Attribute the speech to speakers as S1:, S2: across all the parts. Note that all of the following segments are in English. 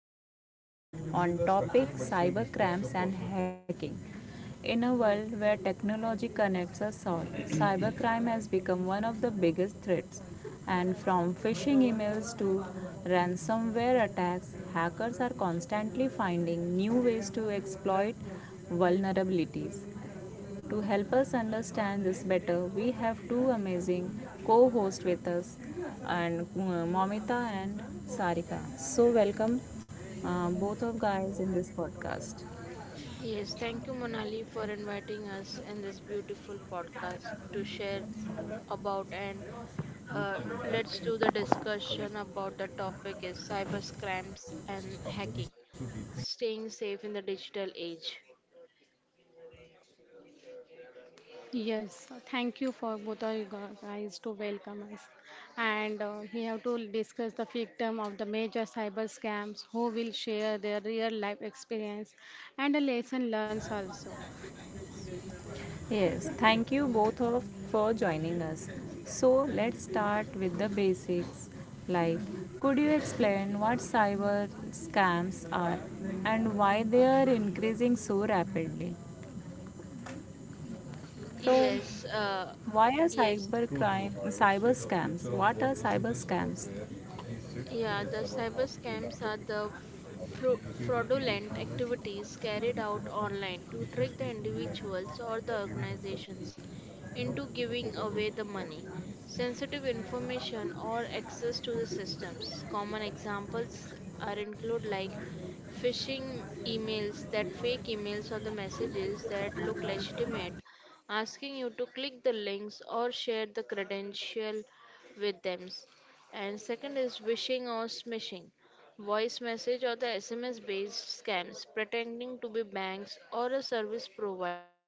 S1: today's podcast on topic cyber crimes and hacking. In a world where technology connects us all, cybercrime has become one of the biggest threats. And from phishing emails to ransomware attacks, hackers are constantly finding new ways to exploit vulnerabilities. To help us understand this better, we have two amazing co hosts with us, and Momita and Sarika. So, welcome both of guys in this podcast.
S2: Yes, thank you, Monali, for inviting us in this beautiful podcast to share about and uh, let's do the discussion about the topic is cyber scams and hacking, staying safe in the digital age.
S3: Yes, thank you for both of you guys to welcome us. And we have to discuss the victim of the major cyber scams who will share their real life experience and a lesson learned also.
S1: Yes, thank you both of for joining us. So, let's start with the basics. Like, could you explain what cyber scams are and why they are increasing so rapidly? So,
S2: Yes, uh,
S1: why are
S2: yes,
S1: cyber crime, cyber scams? What are cyber scams?
S2: Yeah, the cyber scams are the fraudulent activities carried out online to trick the individuals or the organizations into giving away the money, sensitive information, or access to the systems. Common examples are include like phishing emails, that fake emails or the messages that look legitimate, asking you to click the links or share the credential with them, and second is wishing or smishing, voice message or the SMS based scams pretending to be banks or a service provider.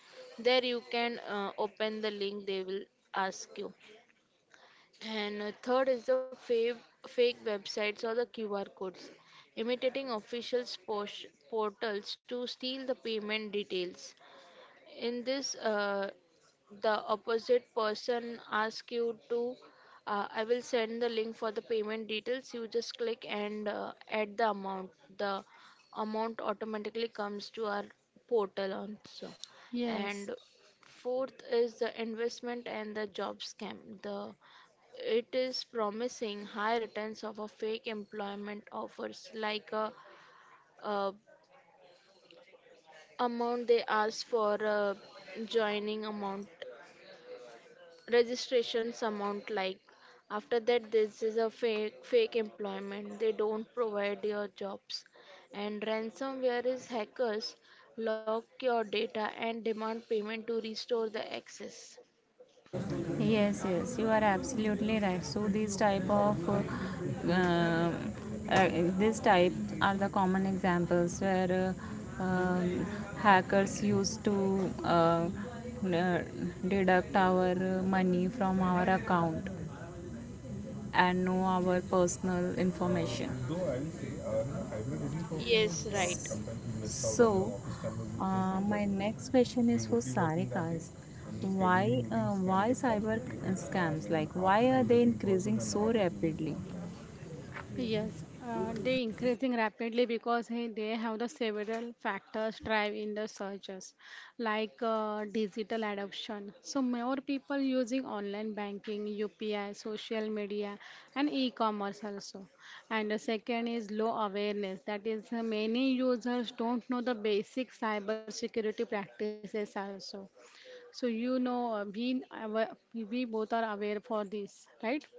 S2: There you can open the link they will ask you. And third is the fake websites or the QR codes, imitating officials' posh, portals to steal the payment details. In this, the opposite person asks you to I will send the link for the payment details, you just click and add the amount, the amount automatically comes to our portal also.
S3: Yes.
S2: And fourth is the investment and the job scam, the it is promising high returns of a fake employment offers like uh amount they ask for a joining amount, registrations amount, like after that this is a fake employment, they don't provide your jobs. And ransomware is hackers lock your data and demand payment to restore the access.
S1: Yes, yes, you are absolutely right. So these type of uh, uh, this type are the common examples where uh, um, hackers used to deduct our money from our account and know our personal information.
S2: Yes, right.
S1: So, my next question is for Sarika. Is Why why cyber scams? Like, why are they increasing so rapidly?
S3: Yes, they increasing rapidly because they have the several factors drive in the searches, like digital adoption. So more people using online banking, UPI, social media, and e-commerce also. And the second is low awareness. That is, many users don't know the basic cybersecurity practices also. So you know, we we both are aware for this, right?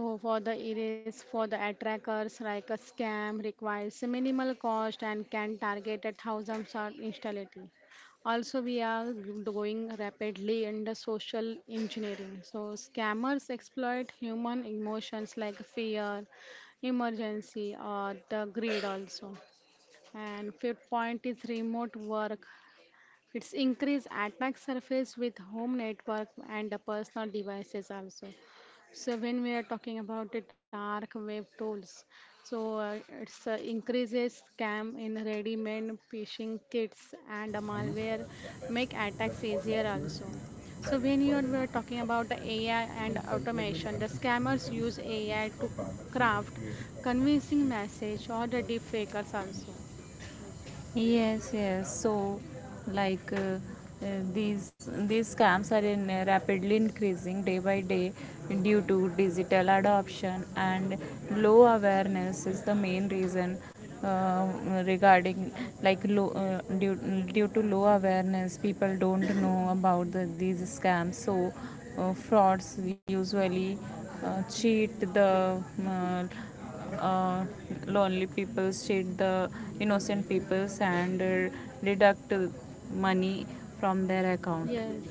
S3: So for the erase for the attrackers like a scam requires minimal cost and can target at thousands of instantly. Also, we are going rapidly in the social engineering. So scammers exploit human emotions like fear, emergency, or the greed also. And fifth point is remote work, it's increased attack surface with home network and the personal devices also. So when we are talking about the dark web tools, so it's increases scam in ready-made phishing kits and the malware make attacks easier also. So when you are we are talking about the AI and automation, the scammers use AI to craft convincing message or the deepfakers also.
S1: Yes, yes. So, like uh, these scams are in rapidly increasing day by day due to digital adoption and low awareness is the main reason uh, regarding like low uh, due, due to low awareness people don't know about these scams so frauds usually cheat the uh, uh, lonely people, cheat the innocent people and deduct money from their account.
S3: Yes,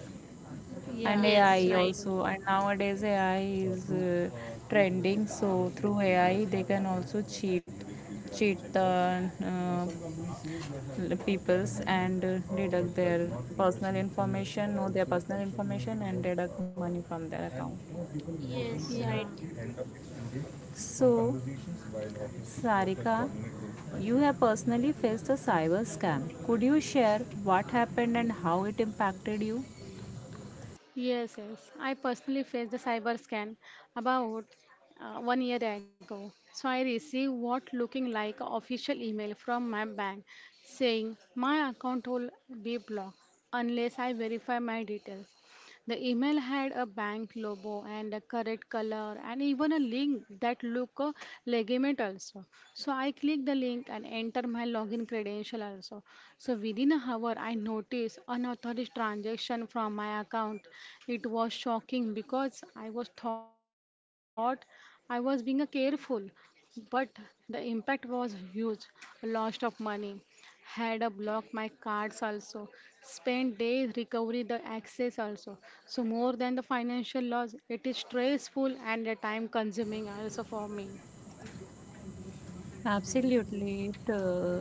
S3: yeah,
S1: And
S2: Yes,
S1: AI
S2: right.
S3: absolutely.
S1: also, and nowadays AI is trending, so through AI they can also cheat, cheat the peoples and deduct their personal information, know their personal information, and deduct money from their account.
S2: Yes,
S3: Yeah,
S2: right.
S1: So Sarika, you have personally faced a cyber scam. Could you share what happened and how it impacted you?
S3: yes, yes. I personally faced the cyber scan about one year ago. So I received what looking like official email from my bank saying my account will be blocked unless I verify my details. The email had a bank logo and a correct color and even a link that looked legitimate also. So I clicked the link and enter my login credential also. So within an hour, I noticed unauthorized transaction from my account. It was shocking because I was thought I was being careful, but the impact was huge, loss of money, had a block my cards also, spent days recovery the access also. So more than the financial loss, it is stressful and the time consuming also for me.
S1: Absolutely, it uh,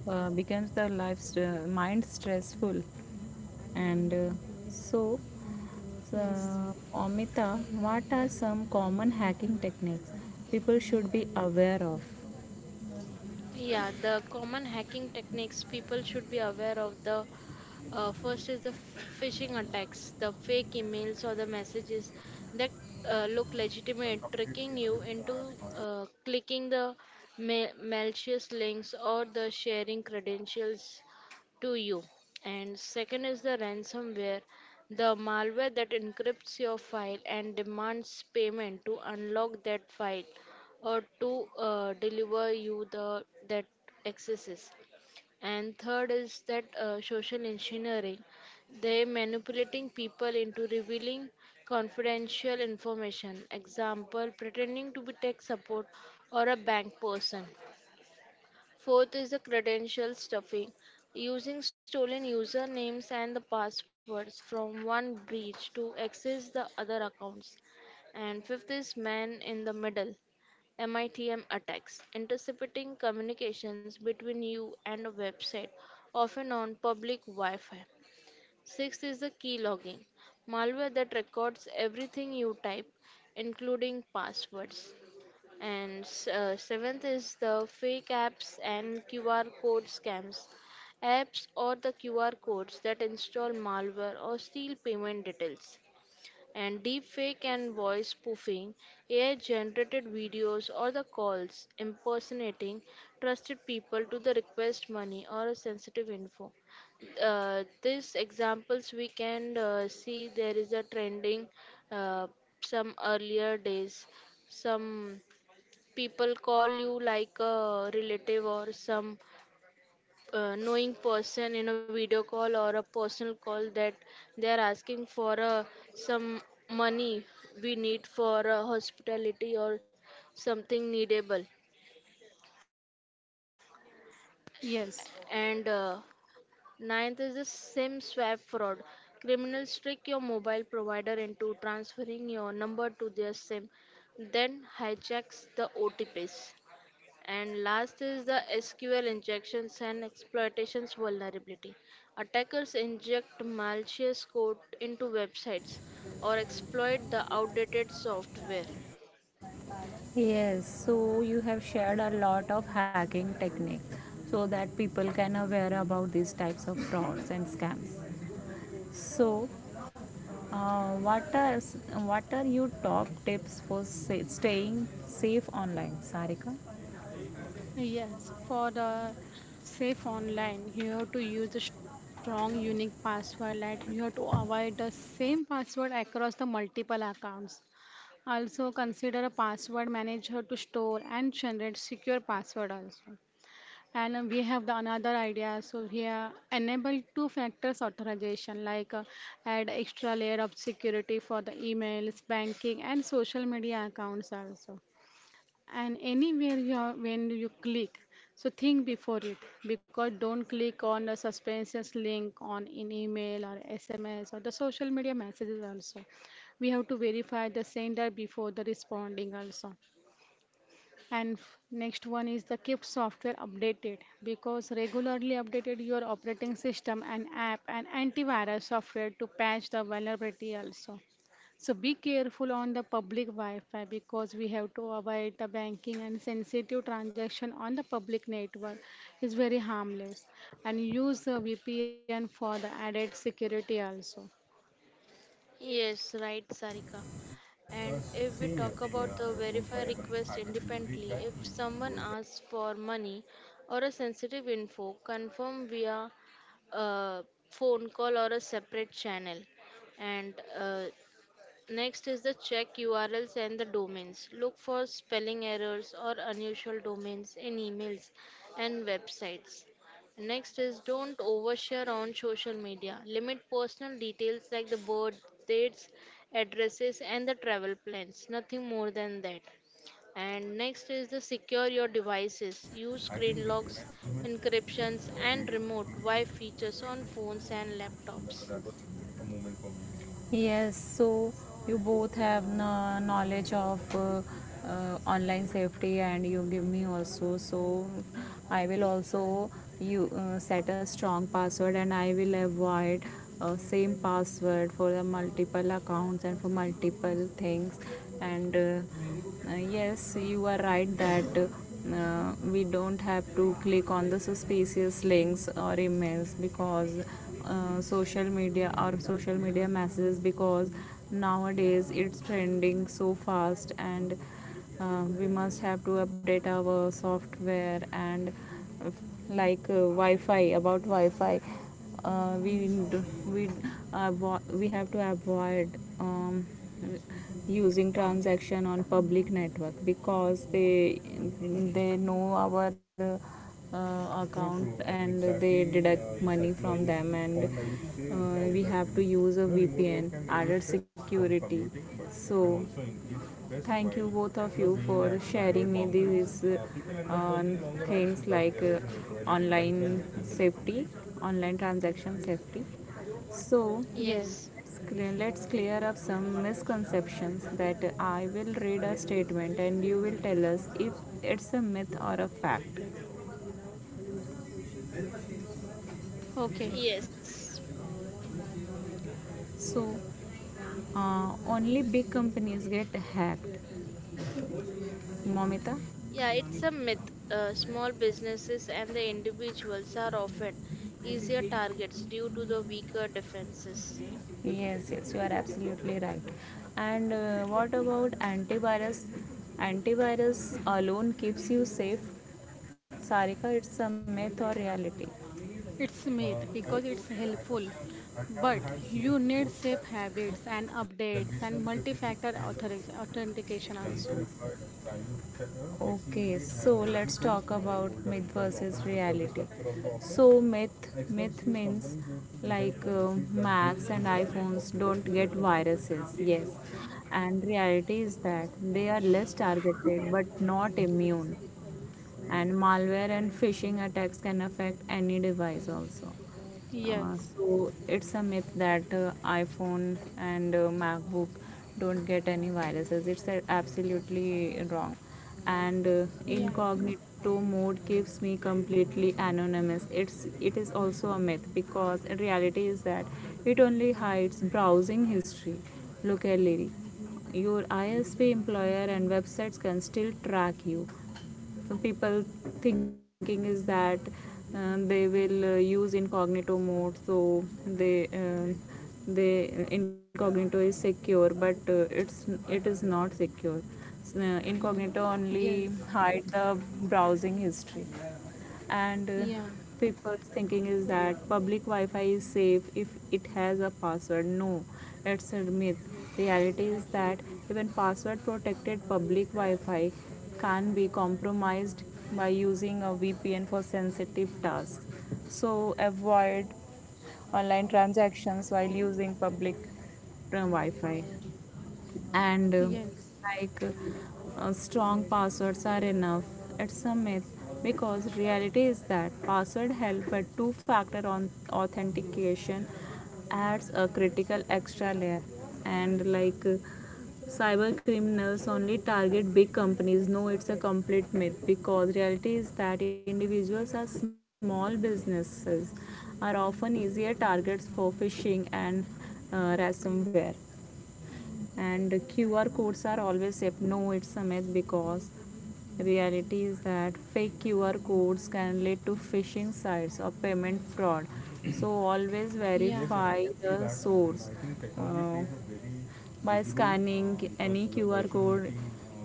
S1: uh, becomes the mind stressful, and so,
S3: Yes,
S1: Amita, what are some common hacking techniques people should be aware of?
S2: Yeah, the common hacking techniques people should be aware of, the first is the phishing attacks, the fake emails or the messages that look legitimate, tricking you into clicking the malicious links or the sharing credentials to you. And second is the ransomware, the malware that encrypts your file and demands payment to unlock that file or to deliver you the that excesses. And third is that social engineering, they manipulating people into revealing confidential information, example pretending to be tech support or a bank person. Fourth is the credential stuffing, using stolen usernames and the passwords from one breach to access the other accounts. And fifth is man in the middle, MITM attacks, intercepting communications between you and a website, often on public Wi Fi. Sixth is the keylogging, malware that records everything you type, including passwords. And seventh is the fake apps and QR code scams, apps or the QR codes that install malware or steal payment details. And deepfake and voice spoofing, AI-generated videos or the calls impersonating trusted people to the request money or a sensitive info. These examples we can see there is a trending uh, some earlier days. Some people call you like a relative or some knowing person in a video call or a personal call that they are asking for some money we need for hospitality or something needable.
S3: yes.
S2: And ninth is the sim swap fraud, criminals trick your mobile provider into transferring your number to their sim, then hijacks the otps. And last is the SQL injections and exploitations vulnerability. Attackers inject malicious code into websites or exploit the outdated software.
S1: Yes, so you have shared a lot of hacking techniques so that people can aware about these types of frauds and scams. So, uh, what are what are your top tips for staying safe online, Sarika?
S3: Yes, for the safe online, you have to use a strong, unique password. Like you have to avoid the same password across the multiple accounts. Also, consider a password manager to store and generate secure password also. And we have the another idea. So here enable two factors authorization like add extra layer of security for the emails, banking and social media accounts also. And anywhere you are, when you click, so think before it because don't click on the suspicious link on in email or SMS or the social media messages also. We have to verify the sender before the responding also. And next one is the keep software updated because regularly updated your operating system and app and antivirus software to patch the vulnerability also. So be careful on the public Wi-Fi because we have to avoid the banking and sensitive transaction on the public network is very harmless and use a VPN for the added security also.
S2: Yes, right, Sarika. And if we talk about the verify request independently, if someone asks for money or a sensitive info, confirm via a phone call or a separate channel. And next is the check URLs and the domains. Look for spelling errors or unusual domains in emails and websites. Next is don't overshare on social media. Limit personal details like the birth dates, addresses, and the travel plans. Nothing more than that. And next is the secure your devices. Use screen locks, encryptions, and remote Wi features on phones and laptops.
S1: Yes, so you both have no knowledge of online safety, and you give me also. So I will also you set a strong password, and I will avoid same password for the multiple accounts and for multiple things, and. Yes, you are right that we don't have to click on the suspicious links or emails because social media or social media messages because nowadays it's trending so fast and we must have to update our software and uh, like wi-fi about wi-fi uh, we we we have to avoid um, using transaction on public network because they know our account and they deduct money from them and we have to use a vpn added security so thank you both of you for sharing me these things like online safety, online transaction safety. So
S3: Yes.
S2: Yes,
S1: let's clear up some misconceptions that I will read a statement and you will tell us if it's a myth or a fact.
S3: Okay.
S2: yes.
S1: So only big companies get hacked. Momita?
S2: Yeah, it's a myth. Small businesses and the individuals are often easier targets due to the weaker defenses.
S1: Yes, yes, you are absolutely right. And what about antivirus? Antivirus alone keeps you safe. Sarika, it's a myth or reality?
S3: It's myth because it's helpful, but you need safe habits and updates and authentication also.
S1: Okay, so let's talk about myth versus reality. So, myth means like uh, Macs and iPhones don't get viruses, yes, and reality is that they are less targeted but not immune and malware and phishing attacks can affect any device also.
S3: Yes.
S1: So it's a myth that iPhone and MacBook don't get any viruses. It's absolutely wrong. And
S3: Yeah.
S1: incognito mode keeps me completely anonymous. It is also a myth because in reality is that it only hides browsing history locality, your ISP, employer and websites can still track you. People thinking is that they will use incognito mode, so they incognito is secure but it is not secure. Incognito
S3: Yes.
S1: only hide the browsing history. And
S3: Yeah.
S1: people's thinking is that public wi-fi is safe if it has a password. No, it's a myth. Reality is that even password protected public wi-fi can be compromised by using a VPN for sensitive tasks, so avoid online transactions while using public wi-fi. And
S3: Yes.
S1: like uh, strong passwords are enough. It's a myth because reality is that password help but two factor on authentication adds a critical extra layer. And cyber criminals only target big companies. No, it's a complete myth because reality is that individuals are small businesses are often easier targets for phishing and ransomware. And QR codes are always safe. No, it's a myth because reality is that fake QR codes can lead to phishing sites or payment fraud, so always
S3: Yeah.
S1: verify the source uh, by scanning any QR code.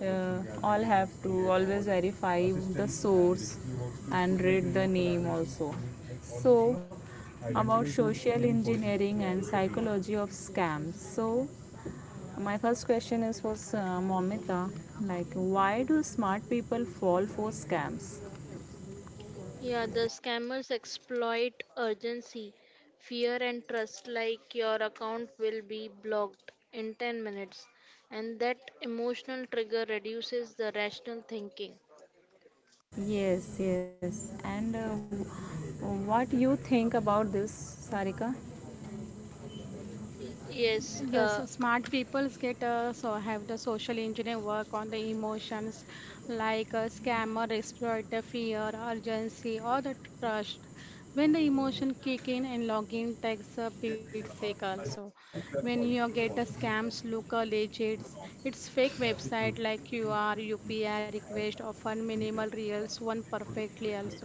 S1: Uh, all have to always verify the source and read the name also. So, about social engineering and psychology of scams. So, my first question is for Momita. Like, why do smart people fall for scams?
S2: Yeah, the scammers exploit urgency, fear, and trust like your account will be blocked in 10 minutes, and that emotional trigger reduces the rational thinking.
S1: Yes, yes. And what you think about this, Sarika?
S2: Yes,
S3: Yes,
S2: uh,
S3: smart peoples get so have the social engineer work on the emotions, like a scammer exploit the fear, urgency, or the trust. When the emotion kick in and login takes a bit sick also. When you get the scams look legit, it's fake website like QR, UPI request often minimal reals one perfectly also.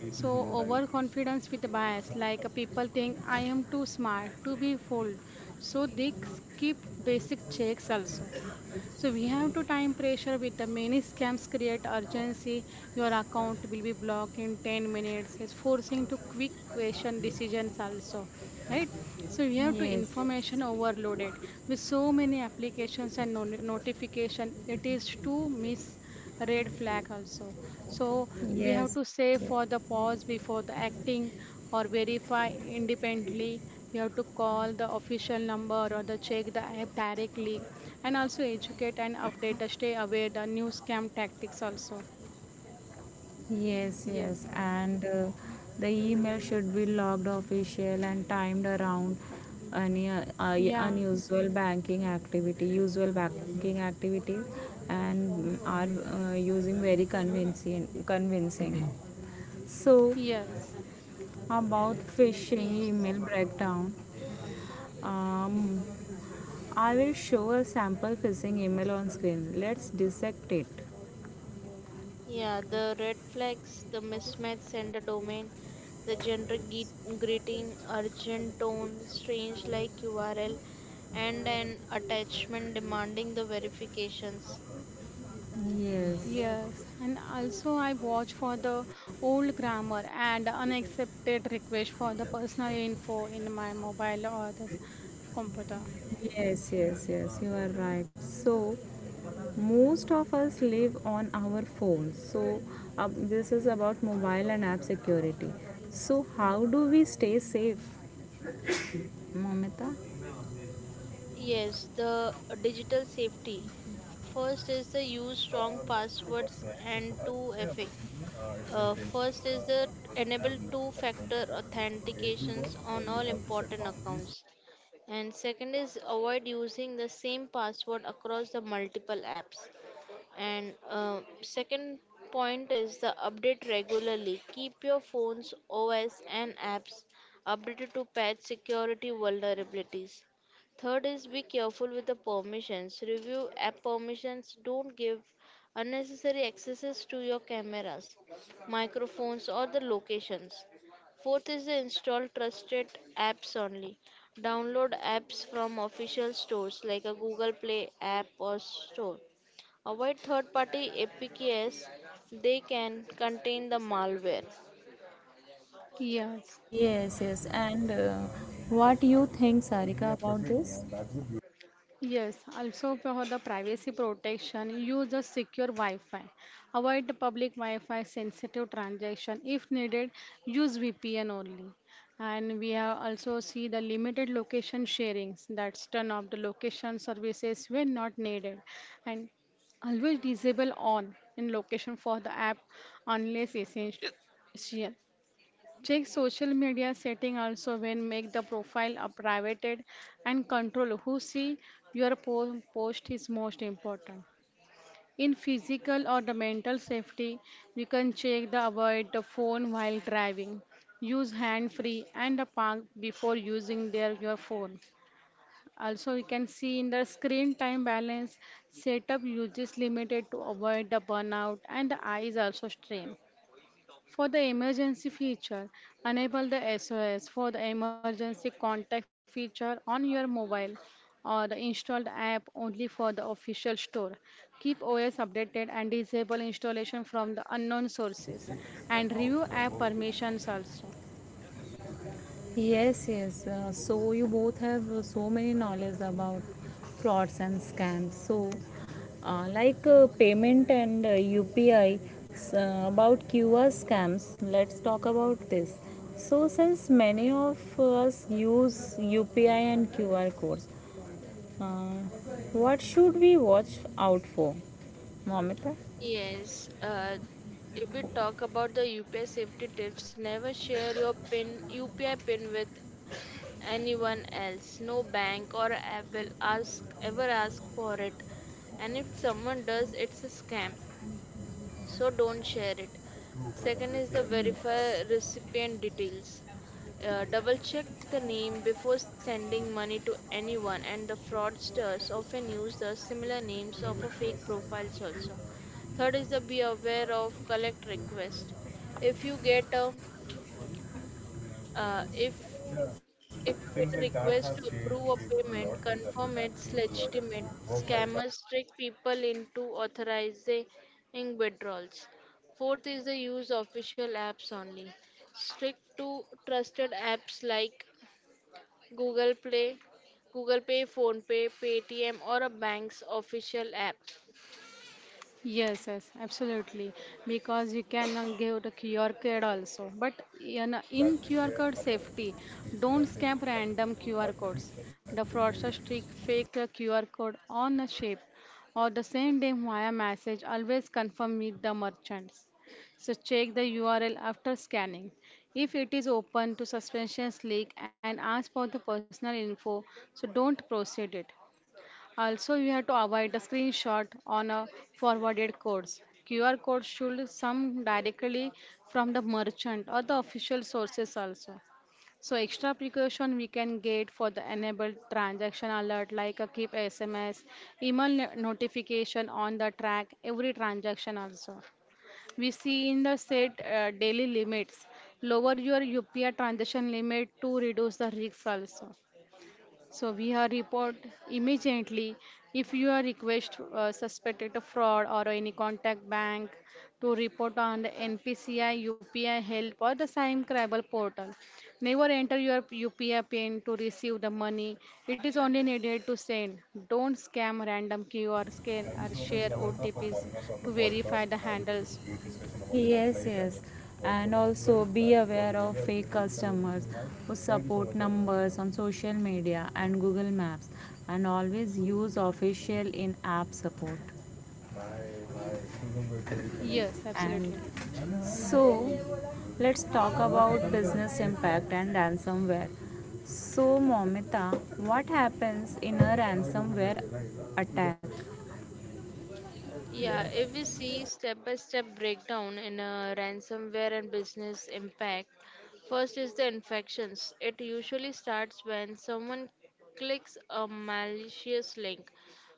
S3: So, overconfidence with a bias, like people think I am too smart to be fooled. So, they skip basic checks also. So, we have to time pressure with the many scams create urgency. Your account will be blocked in 10 minutes. It's forcing to quick question decisions also. Right, so we have to
S1: Yes,
S3: information overloaded with so many applications and notification. It is too miss red flag also. So we have to
S1: yes, yes.
S3: save for the pause before the acting or verify independently. You have to call the official number or the check the app directly and also educate and update the stay aware the new scam tactics also.
S1: Yes, yes,
S3: Yes,
S1: and the email should be logged official and timed around any
S3: yeah,
S1: unusual banking activity, usual banking activities, and are using convincing. So,
S3: yes.
S1: about phishing
S2: yes.
S1: email breakdown, um, I will show a sample phishing email on screen. Let's dissect it.
S2: Yeah, the red flags, the mismatch sender domain, the greeting, urgent tone, strange like URL, and an attachment demanding the verifications.
S1: Yes.
S3: Yes, and also I watch for the old grammar and unaccepted request for the personal info in my mobile or the computer.
S1: Yes, yes, yes, you are right. So, most of us live on our phones. So, uh, this is about mobile and app security. So, how do we stay safe, Mamita?
S2: Yes, the digital safety. First is the use strong passwords and 2FA. First is the enable two factor authentications on all important accounts. And second is avoid using the same password across the multiple apps. And second point is the update regularly. Keep your phones, OS, and apps updated to patch security vulnerabilities. Third is be careful with the permissions. Review app permissions. Don't give unnecessary accesses to your cameras, microphones, or the locations. Fourth is install trusted apps only. Download apps from official stores like a Google Play app or store. Avoid third party APKs, they can contain the malware.
S3: Yes.
S1: Yes, yes. And what you think, Sarika, about this?
S3: Yes, also for the privacy protection, use a secure Wi-Fi. Avoid the public Wi-Fi sensitive transaction. If needed, use VPN only. And we have also see the limited location sharings. That's turn off the location services when not needed. And always disable on in location for the app unless essential. Check social media setting also when make the profile a private and control who see your post is most important. In physical or the mental safety, you can check the avoid the phone while driving. Use hand free and the park before using their your phone. Also, you can see in the screen time balance, setup uses limited to avoid the burnout and the eyes also strain. For the emergency feature, enable the SOS for the emergency contact feature on your mobile or the installed app only for the official store. Keep OS updated and disable installation from the unknown sources and review app permissions also.
S1: Yes, yes. So you both have so many knowledge about frauds and scams. So, payment and UPI, about QR scams, let's talk about this. So, since many of us use UPI and QR codes, uh, what should we watch out for? Momita?
S2: Yes, if we talk about the UPI safety tips, never share your PIN, UPI PIN with anyone else. No bank or app will ask ever ask for it. And if someone does, it's a scam. So don't share it. Second is the verify recipient details. Double check the name before sending money to anyone, and the fraudsters often use the similar names of a fake profiles also. Third is the be aware of collect request. If you get a uh, if if you get a request to approve a payment, confirm it's legitimate. Scammers trick people into authorizing withdrawals. Fourth is the use official apps only. Stick to trusted apps like Google Play, Google Pay, PhonePe, Paytm, or a bank's official app.
S3: Yes, yes, absolutely. Because you can give the QR code also. But in QR code safety, don't scam random QR codes. The fraudster streak fake a QR code on a shape or the same day via message. Always confirm with the merchants. So check the URL after scanning. If it is open to suspicious leak and ask for the personal info, so don't proceed it. Also, you have to avoid a screenshot on a forwarded codes. QR code should some directly from the merchant or the official sources also. So extra precaution we can get for the enabled transaction alert like a keep SMS, email notification on the track every transaction also. We see in the set daily limits, lower your UPI transaction limit to reduce the risk also. So we are report immediately if you are request suspected of fraud or any contact bank to report on the NPCI, UPI help or the Sime Cribal portal. Never enter your UPI PIN to receive the money. It is only needed to send. Don't scam random QR scan or share OTPs to verify the handles.
S1: Yes, the yes. what And works also well be and what aware of areas fake really can be customers optimized. Who Thank you so support much, Namrata. Numbers on social media and Google Maps and always use official in app support.
S3: Yes, absolutely.
S1: And so let's talk about business impact and ransomware. So, Momita, what happens in a ransomware attack?
S2: Yeah, if we see step by step breakdown in a ransomware and business impact, first is the infections. It usually starts when someone clicks a malicious link,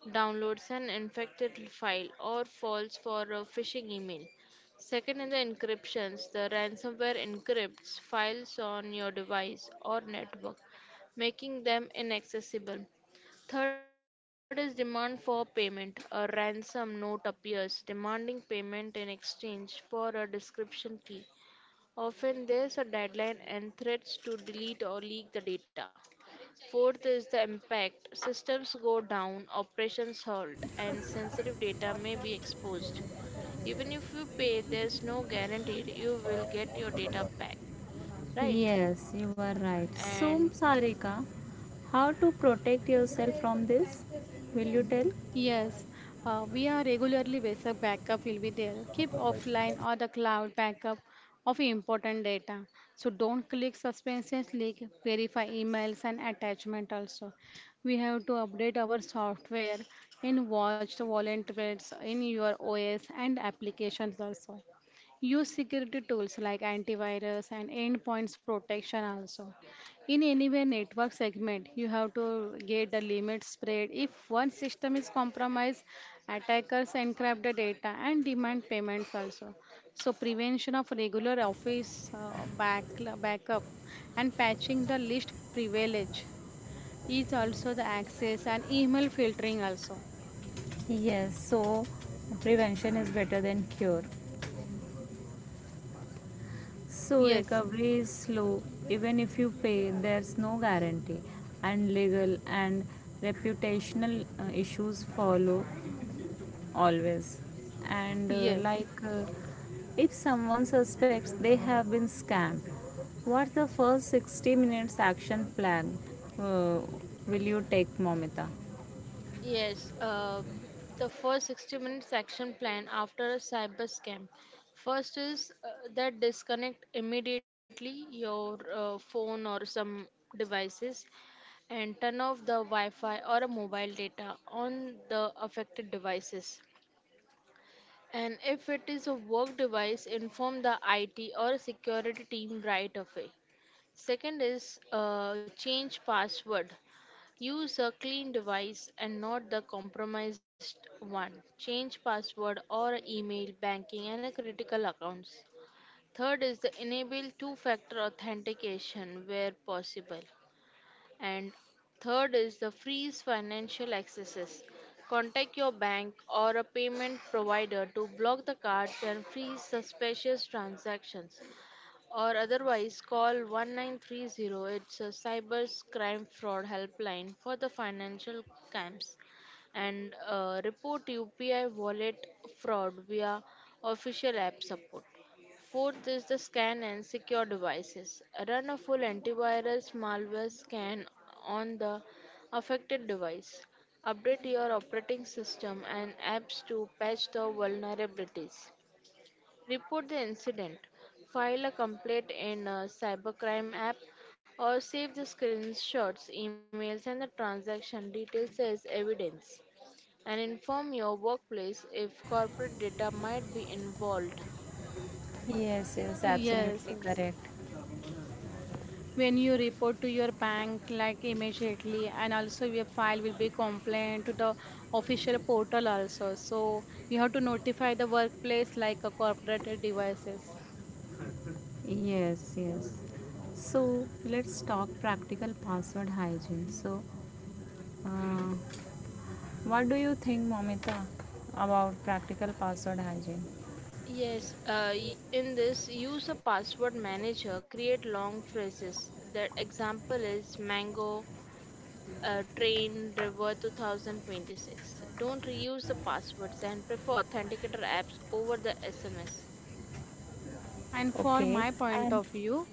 S2: downloads an infected file, or falls for a phishing email. Second is the encryptions. The ransomware encrypts files on your device or network, making them inaccessible. Third is demand for payment. A ransom note appears demanding payment in exchange for a description key. Often there's a deadline and threats to delete or leak the data. Fourth is the impact. Systems go down, operations halt, and sensitive data may be exposed. Even if you pay, there's no guarantee you will get your data back, right?
S1: Yes, you are right. So,
S2: And
S1: Sarika, how to protect yourself from this? Will you tell?
S3: Yes, we are regularly basic backup will be there. Keep offline or the cloud backup of important data. So don't click suspicious link. Verify emails and attachment also. We have to update our software in watched volunteers in your OS and applications also. Use security tools like antivirus and endpoints protection also. In anywhere network segment, you have to get the limit spread. If one system is compromised, attackers encrypt the data and demand payments also. So prevention of regular office backup and patching the least privilege is also the access and email filtering also.
S1: Yes, so prevention is better than cure. So
S3: Yes,
S1: recovery is slow, even if you pay, there's no guarantee, and legal and reputational issues follow always. And
S3: yes,
S1: if someone suspects they have been scammed, what's the first 60 minutes action plan uh, will you take, Momita?
S2: yes, the first 60 minutes action plan after a cyber scam. First is that disconnect immediately your phone or some devices and turn off the Wi Fi or a mobile data on the affected devices. And if it is a work device, inform the IT or security team right away. Second is change password. Use a clean device and not the compromised one. Change password or email, banking and critical accounts. Third is the enable two-factor authentication where possible. And third is the freeze financial accesses. Contact your bank or a payment provider to block the cards and freeze suspicious transactions, or otherwise call 1930. It's a cyber crime fraud helpline for the financial scams, and report UPI wallet fraud via official app support. Fourth is the scan and secure devices. Run a full antivirus malware scan on the affected device. Update your operating system and apps to patch the vulnerabilities. Report the incident, file a complaint in a cybercrime app, or save the screenshots, emails, and the transaction details as evidence. And inform your workplace if corporate data might be involved.
S1: Yes, yes,
S3: yes,
S1: absolutely
S3: yes.
S1: correct.
S3: When you report to your bank like immediately and also your file will be complained to the official portal also, so you have to notify the workplace like a corporate devices.
S1: Yes, yes. So let's talk practical password hygiene. So, uh, what do you think, Momita, about practical password hygiene?
S2: Yes, in this, use a password manager, create long phrases. The example is mango, train, river 2026. Don't reuse the passwords and prefer authenticator apps over the SMS.
S3: And for
S1: Okay.
S3: my
S1: And
S3: point of view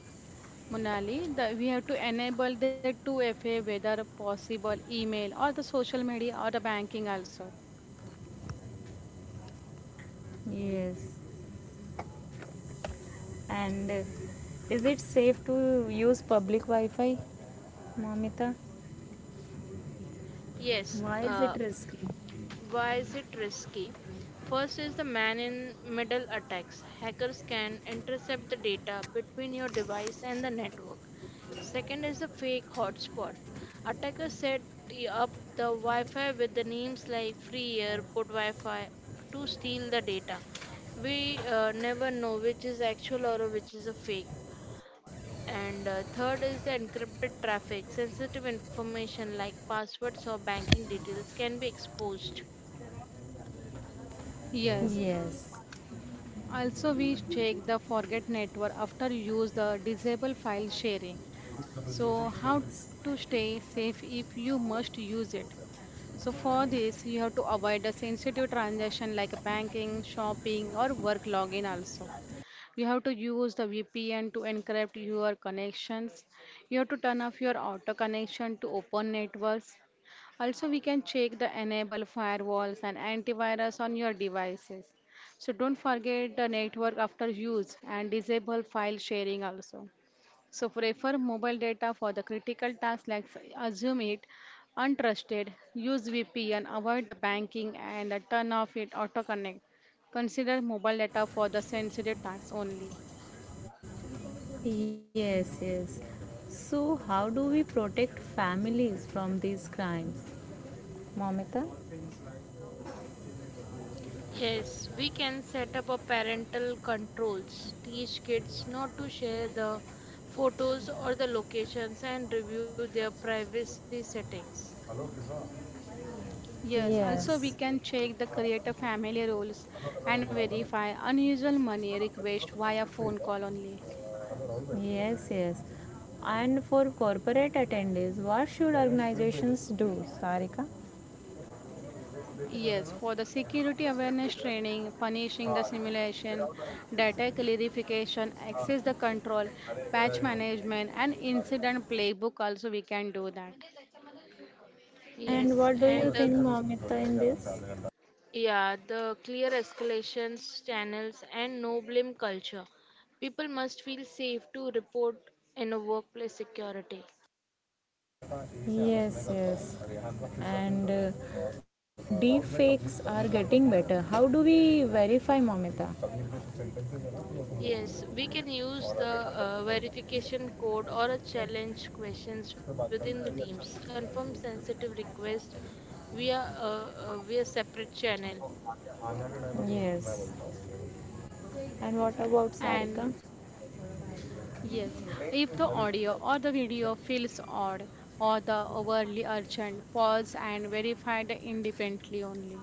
S3: Monali, the, we have to enable the 2FA whether possible email or the social media or the banking also.
S1: yes. And is it safe to use public Wi-Fi, Momita?
S2: Yes,
S1: Why is it risky?
S2: why is it risky? First is the man in middle attacks. Hackers can intercept the data between your device and the network. Second is the fake hotspot. Attackers set up the Wi Fi with the names like free airport Wi Fi to steal the data. We never know which is actual or which is a fake. And third is the encrypted traffic. Sensitive information like passwords or banking details can be exposed.
S3: Yes.
S1: Yes.
S3: Also, we check the forget network after use the disable file sharing. So, how to stay safe if you must use it? So, for this, you have to avoid a sensitive transaction like a banking, shopping, or work login. Also, you have to use the VPN to encrypt your connections. You have to turn off your auto connection to open networks. Also, we can check the enable firewalls and antivirus on your devices. So, don't forget the network after use and disable file sharing also. So prefer mobile data for the critical tasks like assume it untrusted, use VPN, avoid the banking and turn off it auto connect. Consider mobile data for the sensitive tasks only.
S1: Yes, yes. So, how do we protect families from these crimes? Momita?
S2: Yes, we can set up a parental controls, teach kids not to share the photos or the locations and review their privacy settings.
S3: Yes, also we
S1: Yes.
S3: can check the creator family rules and verify unusual money request via phone call only.
S1: Yes, yes. And for corporate attendees, what should organizations do, Sarika?
S3: Yes, for the security awareness training, punishing the simulation, data clarification, access the control, patch management, and incident playbook also we can do that.
S1: And
S2: Yes,
S1: what do
S2: and
S1: you
S2: the
S1: think, Momita, in this?
S2: yeah, the clear escalations channels and no blame culture. People must feel safe to report in a workplace security.
S1: Yes, yes. And deep fakes are getting better. How do we verify, Momita?
S2: Yes, we can use the verification code or a challenge questions within the teams. Confirm sensitive request via via separate channel.
S1: Yes. And what about
S3: And
S1: Sarika?
S3: yes, if the audio or the video feels odd or the overly urgent, pause and verify the independently only.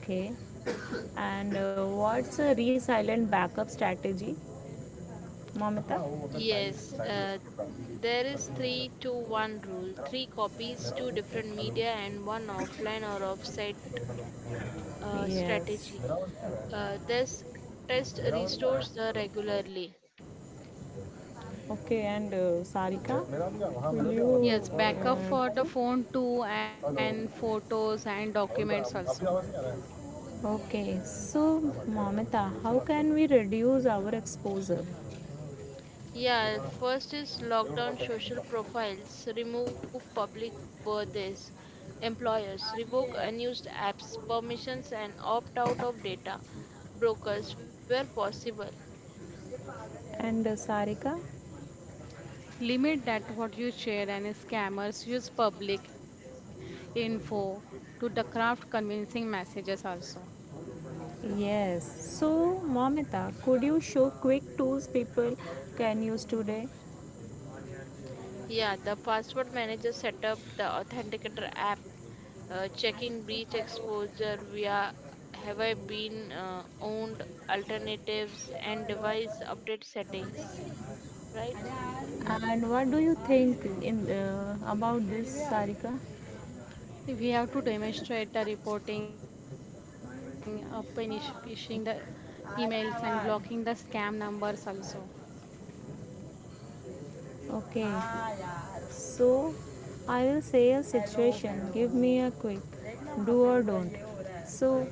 S1: Okay. And what's a resilient backup strategy, Mamita?
S2: Yes, there is three to one rule. Three copies, two different media, and one offline or offsite
S1: Yes.
S2: strategy. This test restores the regularly.
S1: Okay, and Sarika, will
S3: Yes,
S1: you
S3: backup for the phone too and photos and documents also.
S1: add? Okay, so Mamata, how can we reduce our exposure?
S2: Yeah, first is lockdown social profiles, remove public birthdays, employers, revoke unused apps, permissions, and opt out of data, brokers where possible.
S1: And Sarika?
S3: Limit that what you share and scammers use public info to the craft convincing messages also.
S1: Yes. So Mamata, could you show quick tools people can use today?
S2: Yeah, the password manager set up the authenticator app, checking breach exposure via have I been owned alternatives and device update settings, right?
S1: And what do you think in about this, Sarika?
S3: We have to demonstrate the reporting, punish phishing the emails and blocking the scam numbers also.
S1: Okay. So I will say a situation. Give me a quick do or don't. So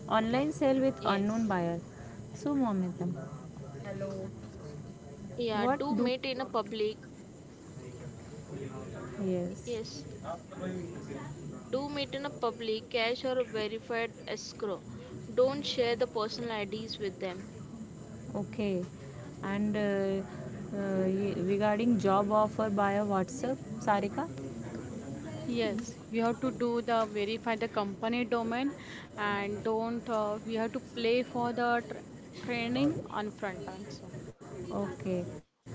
S2: Yes.
S1: online sale with unknown buyer. So Momitam. Hello.
S2: Yeah, do meet in
S1: What
S2: a
S1: do?
S2: public. Yes.
S1: Yes.
S2: Do meet in a public, cash, or a verified escrow. Don't share the personal IDs with them.
S1: Okay. And regarding job offer via WhatsApp, Sarika.
S3: Yes, you have to do the verify the company domain and don't we have to play for the tr training on front also.
S1: Okay.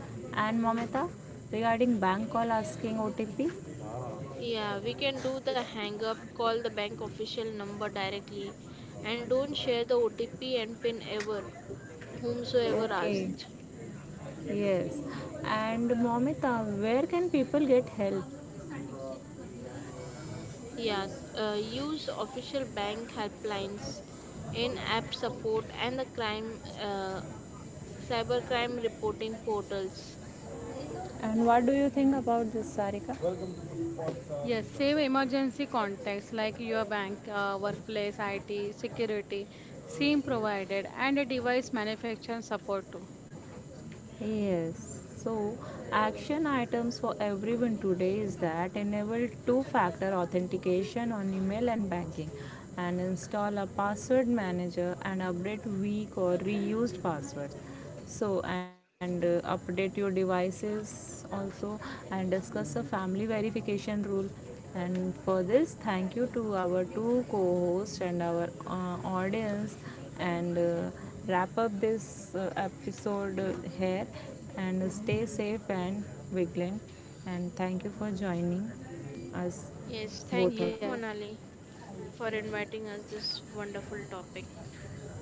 S1: And Momita, regarding bank call asking OTP.
S2: Yeah, we can do the hang up, call the bank official number directly, and don't share the OTP and PIN ever, whomsoever
S1: Okay.
S2: asked.
S1: Yes. And Momita, where can people get help?
S2: Yeah, use official bank helplines, in app support, and the cybercrime reporting portals.
S1: And what do you think about this, Sarika? Welcome to the podcast.
S3: Yes, save emergency contacts like your bank, workplace, IT, security, SIM provided, and a device manufacturing support too.
S1: Yes, so action items for everyone today is that enable two factor authentication on email and banking and install a password manager and update weak or reused passwords. So, and update your devices also and discuss a family verification rule and for this, thank you to our two co hosts and our audience. And wrap up this episode here. And stay safe and vigilant. And thank you for joining us,
S2: Yes, thank you,
S1: both
S3: Yes,
S1: of you.
S2: Monali, for inviting us this wonderful topic.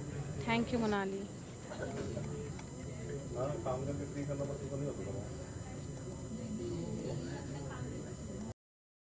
S3: thank you, Monali.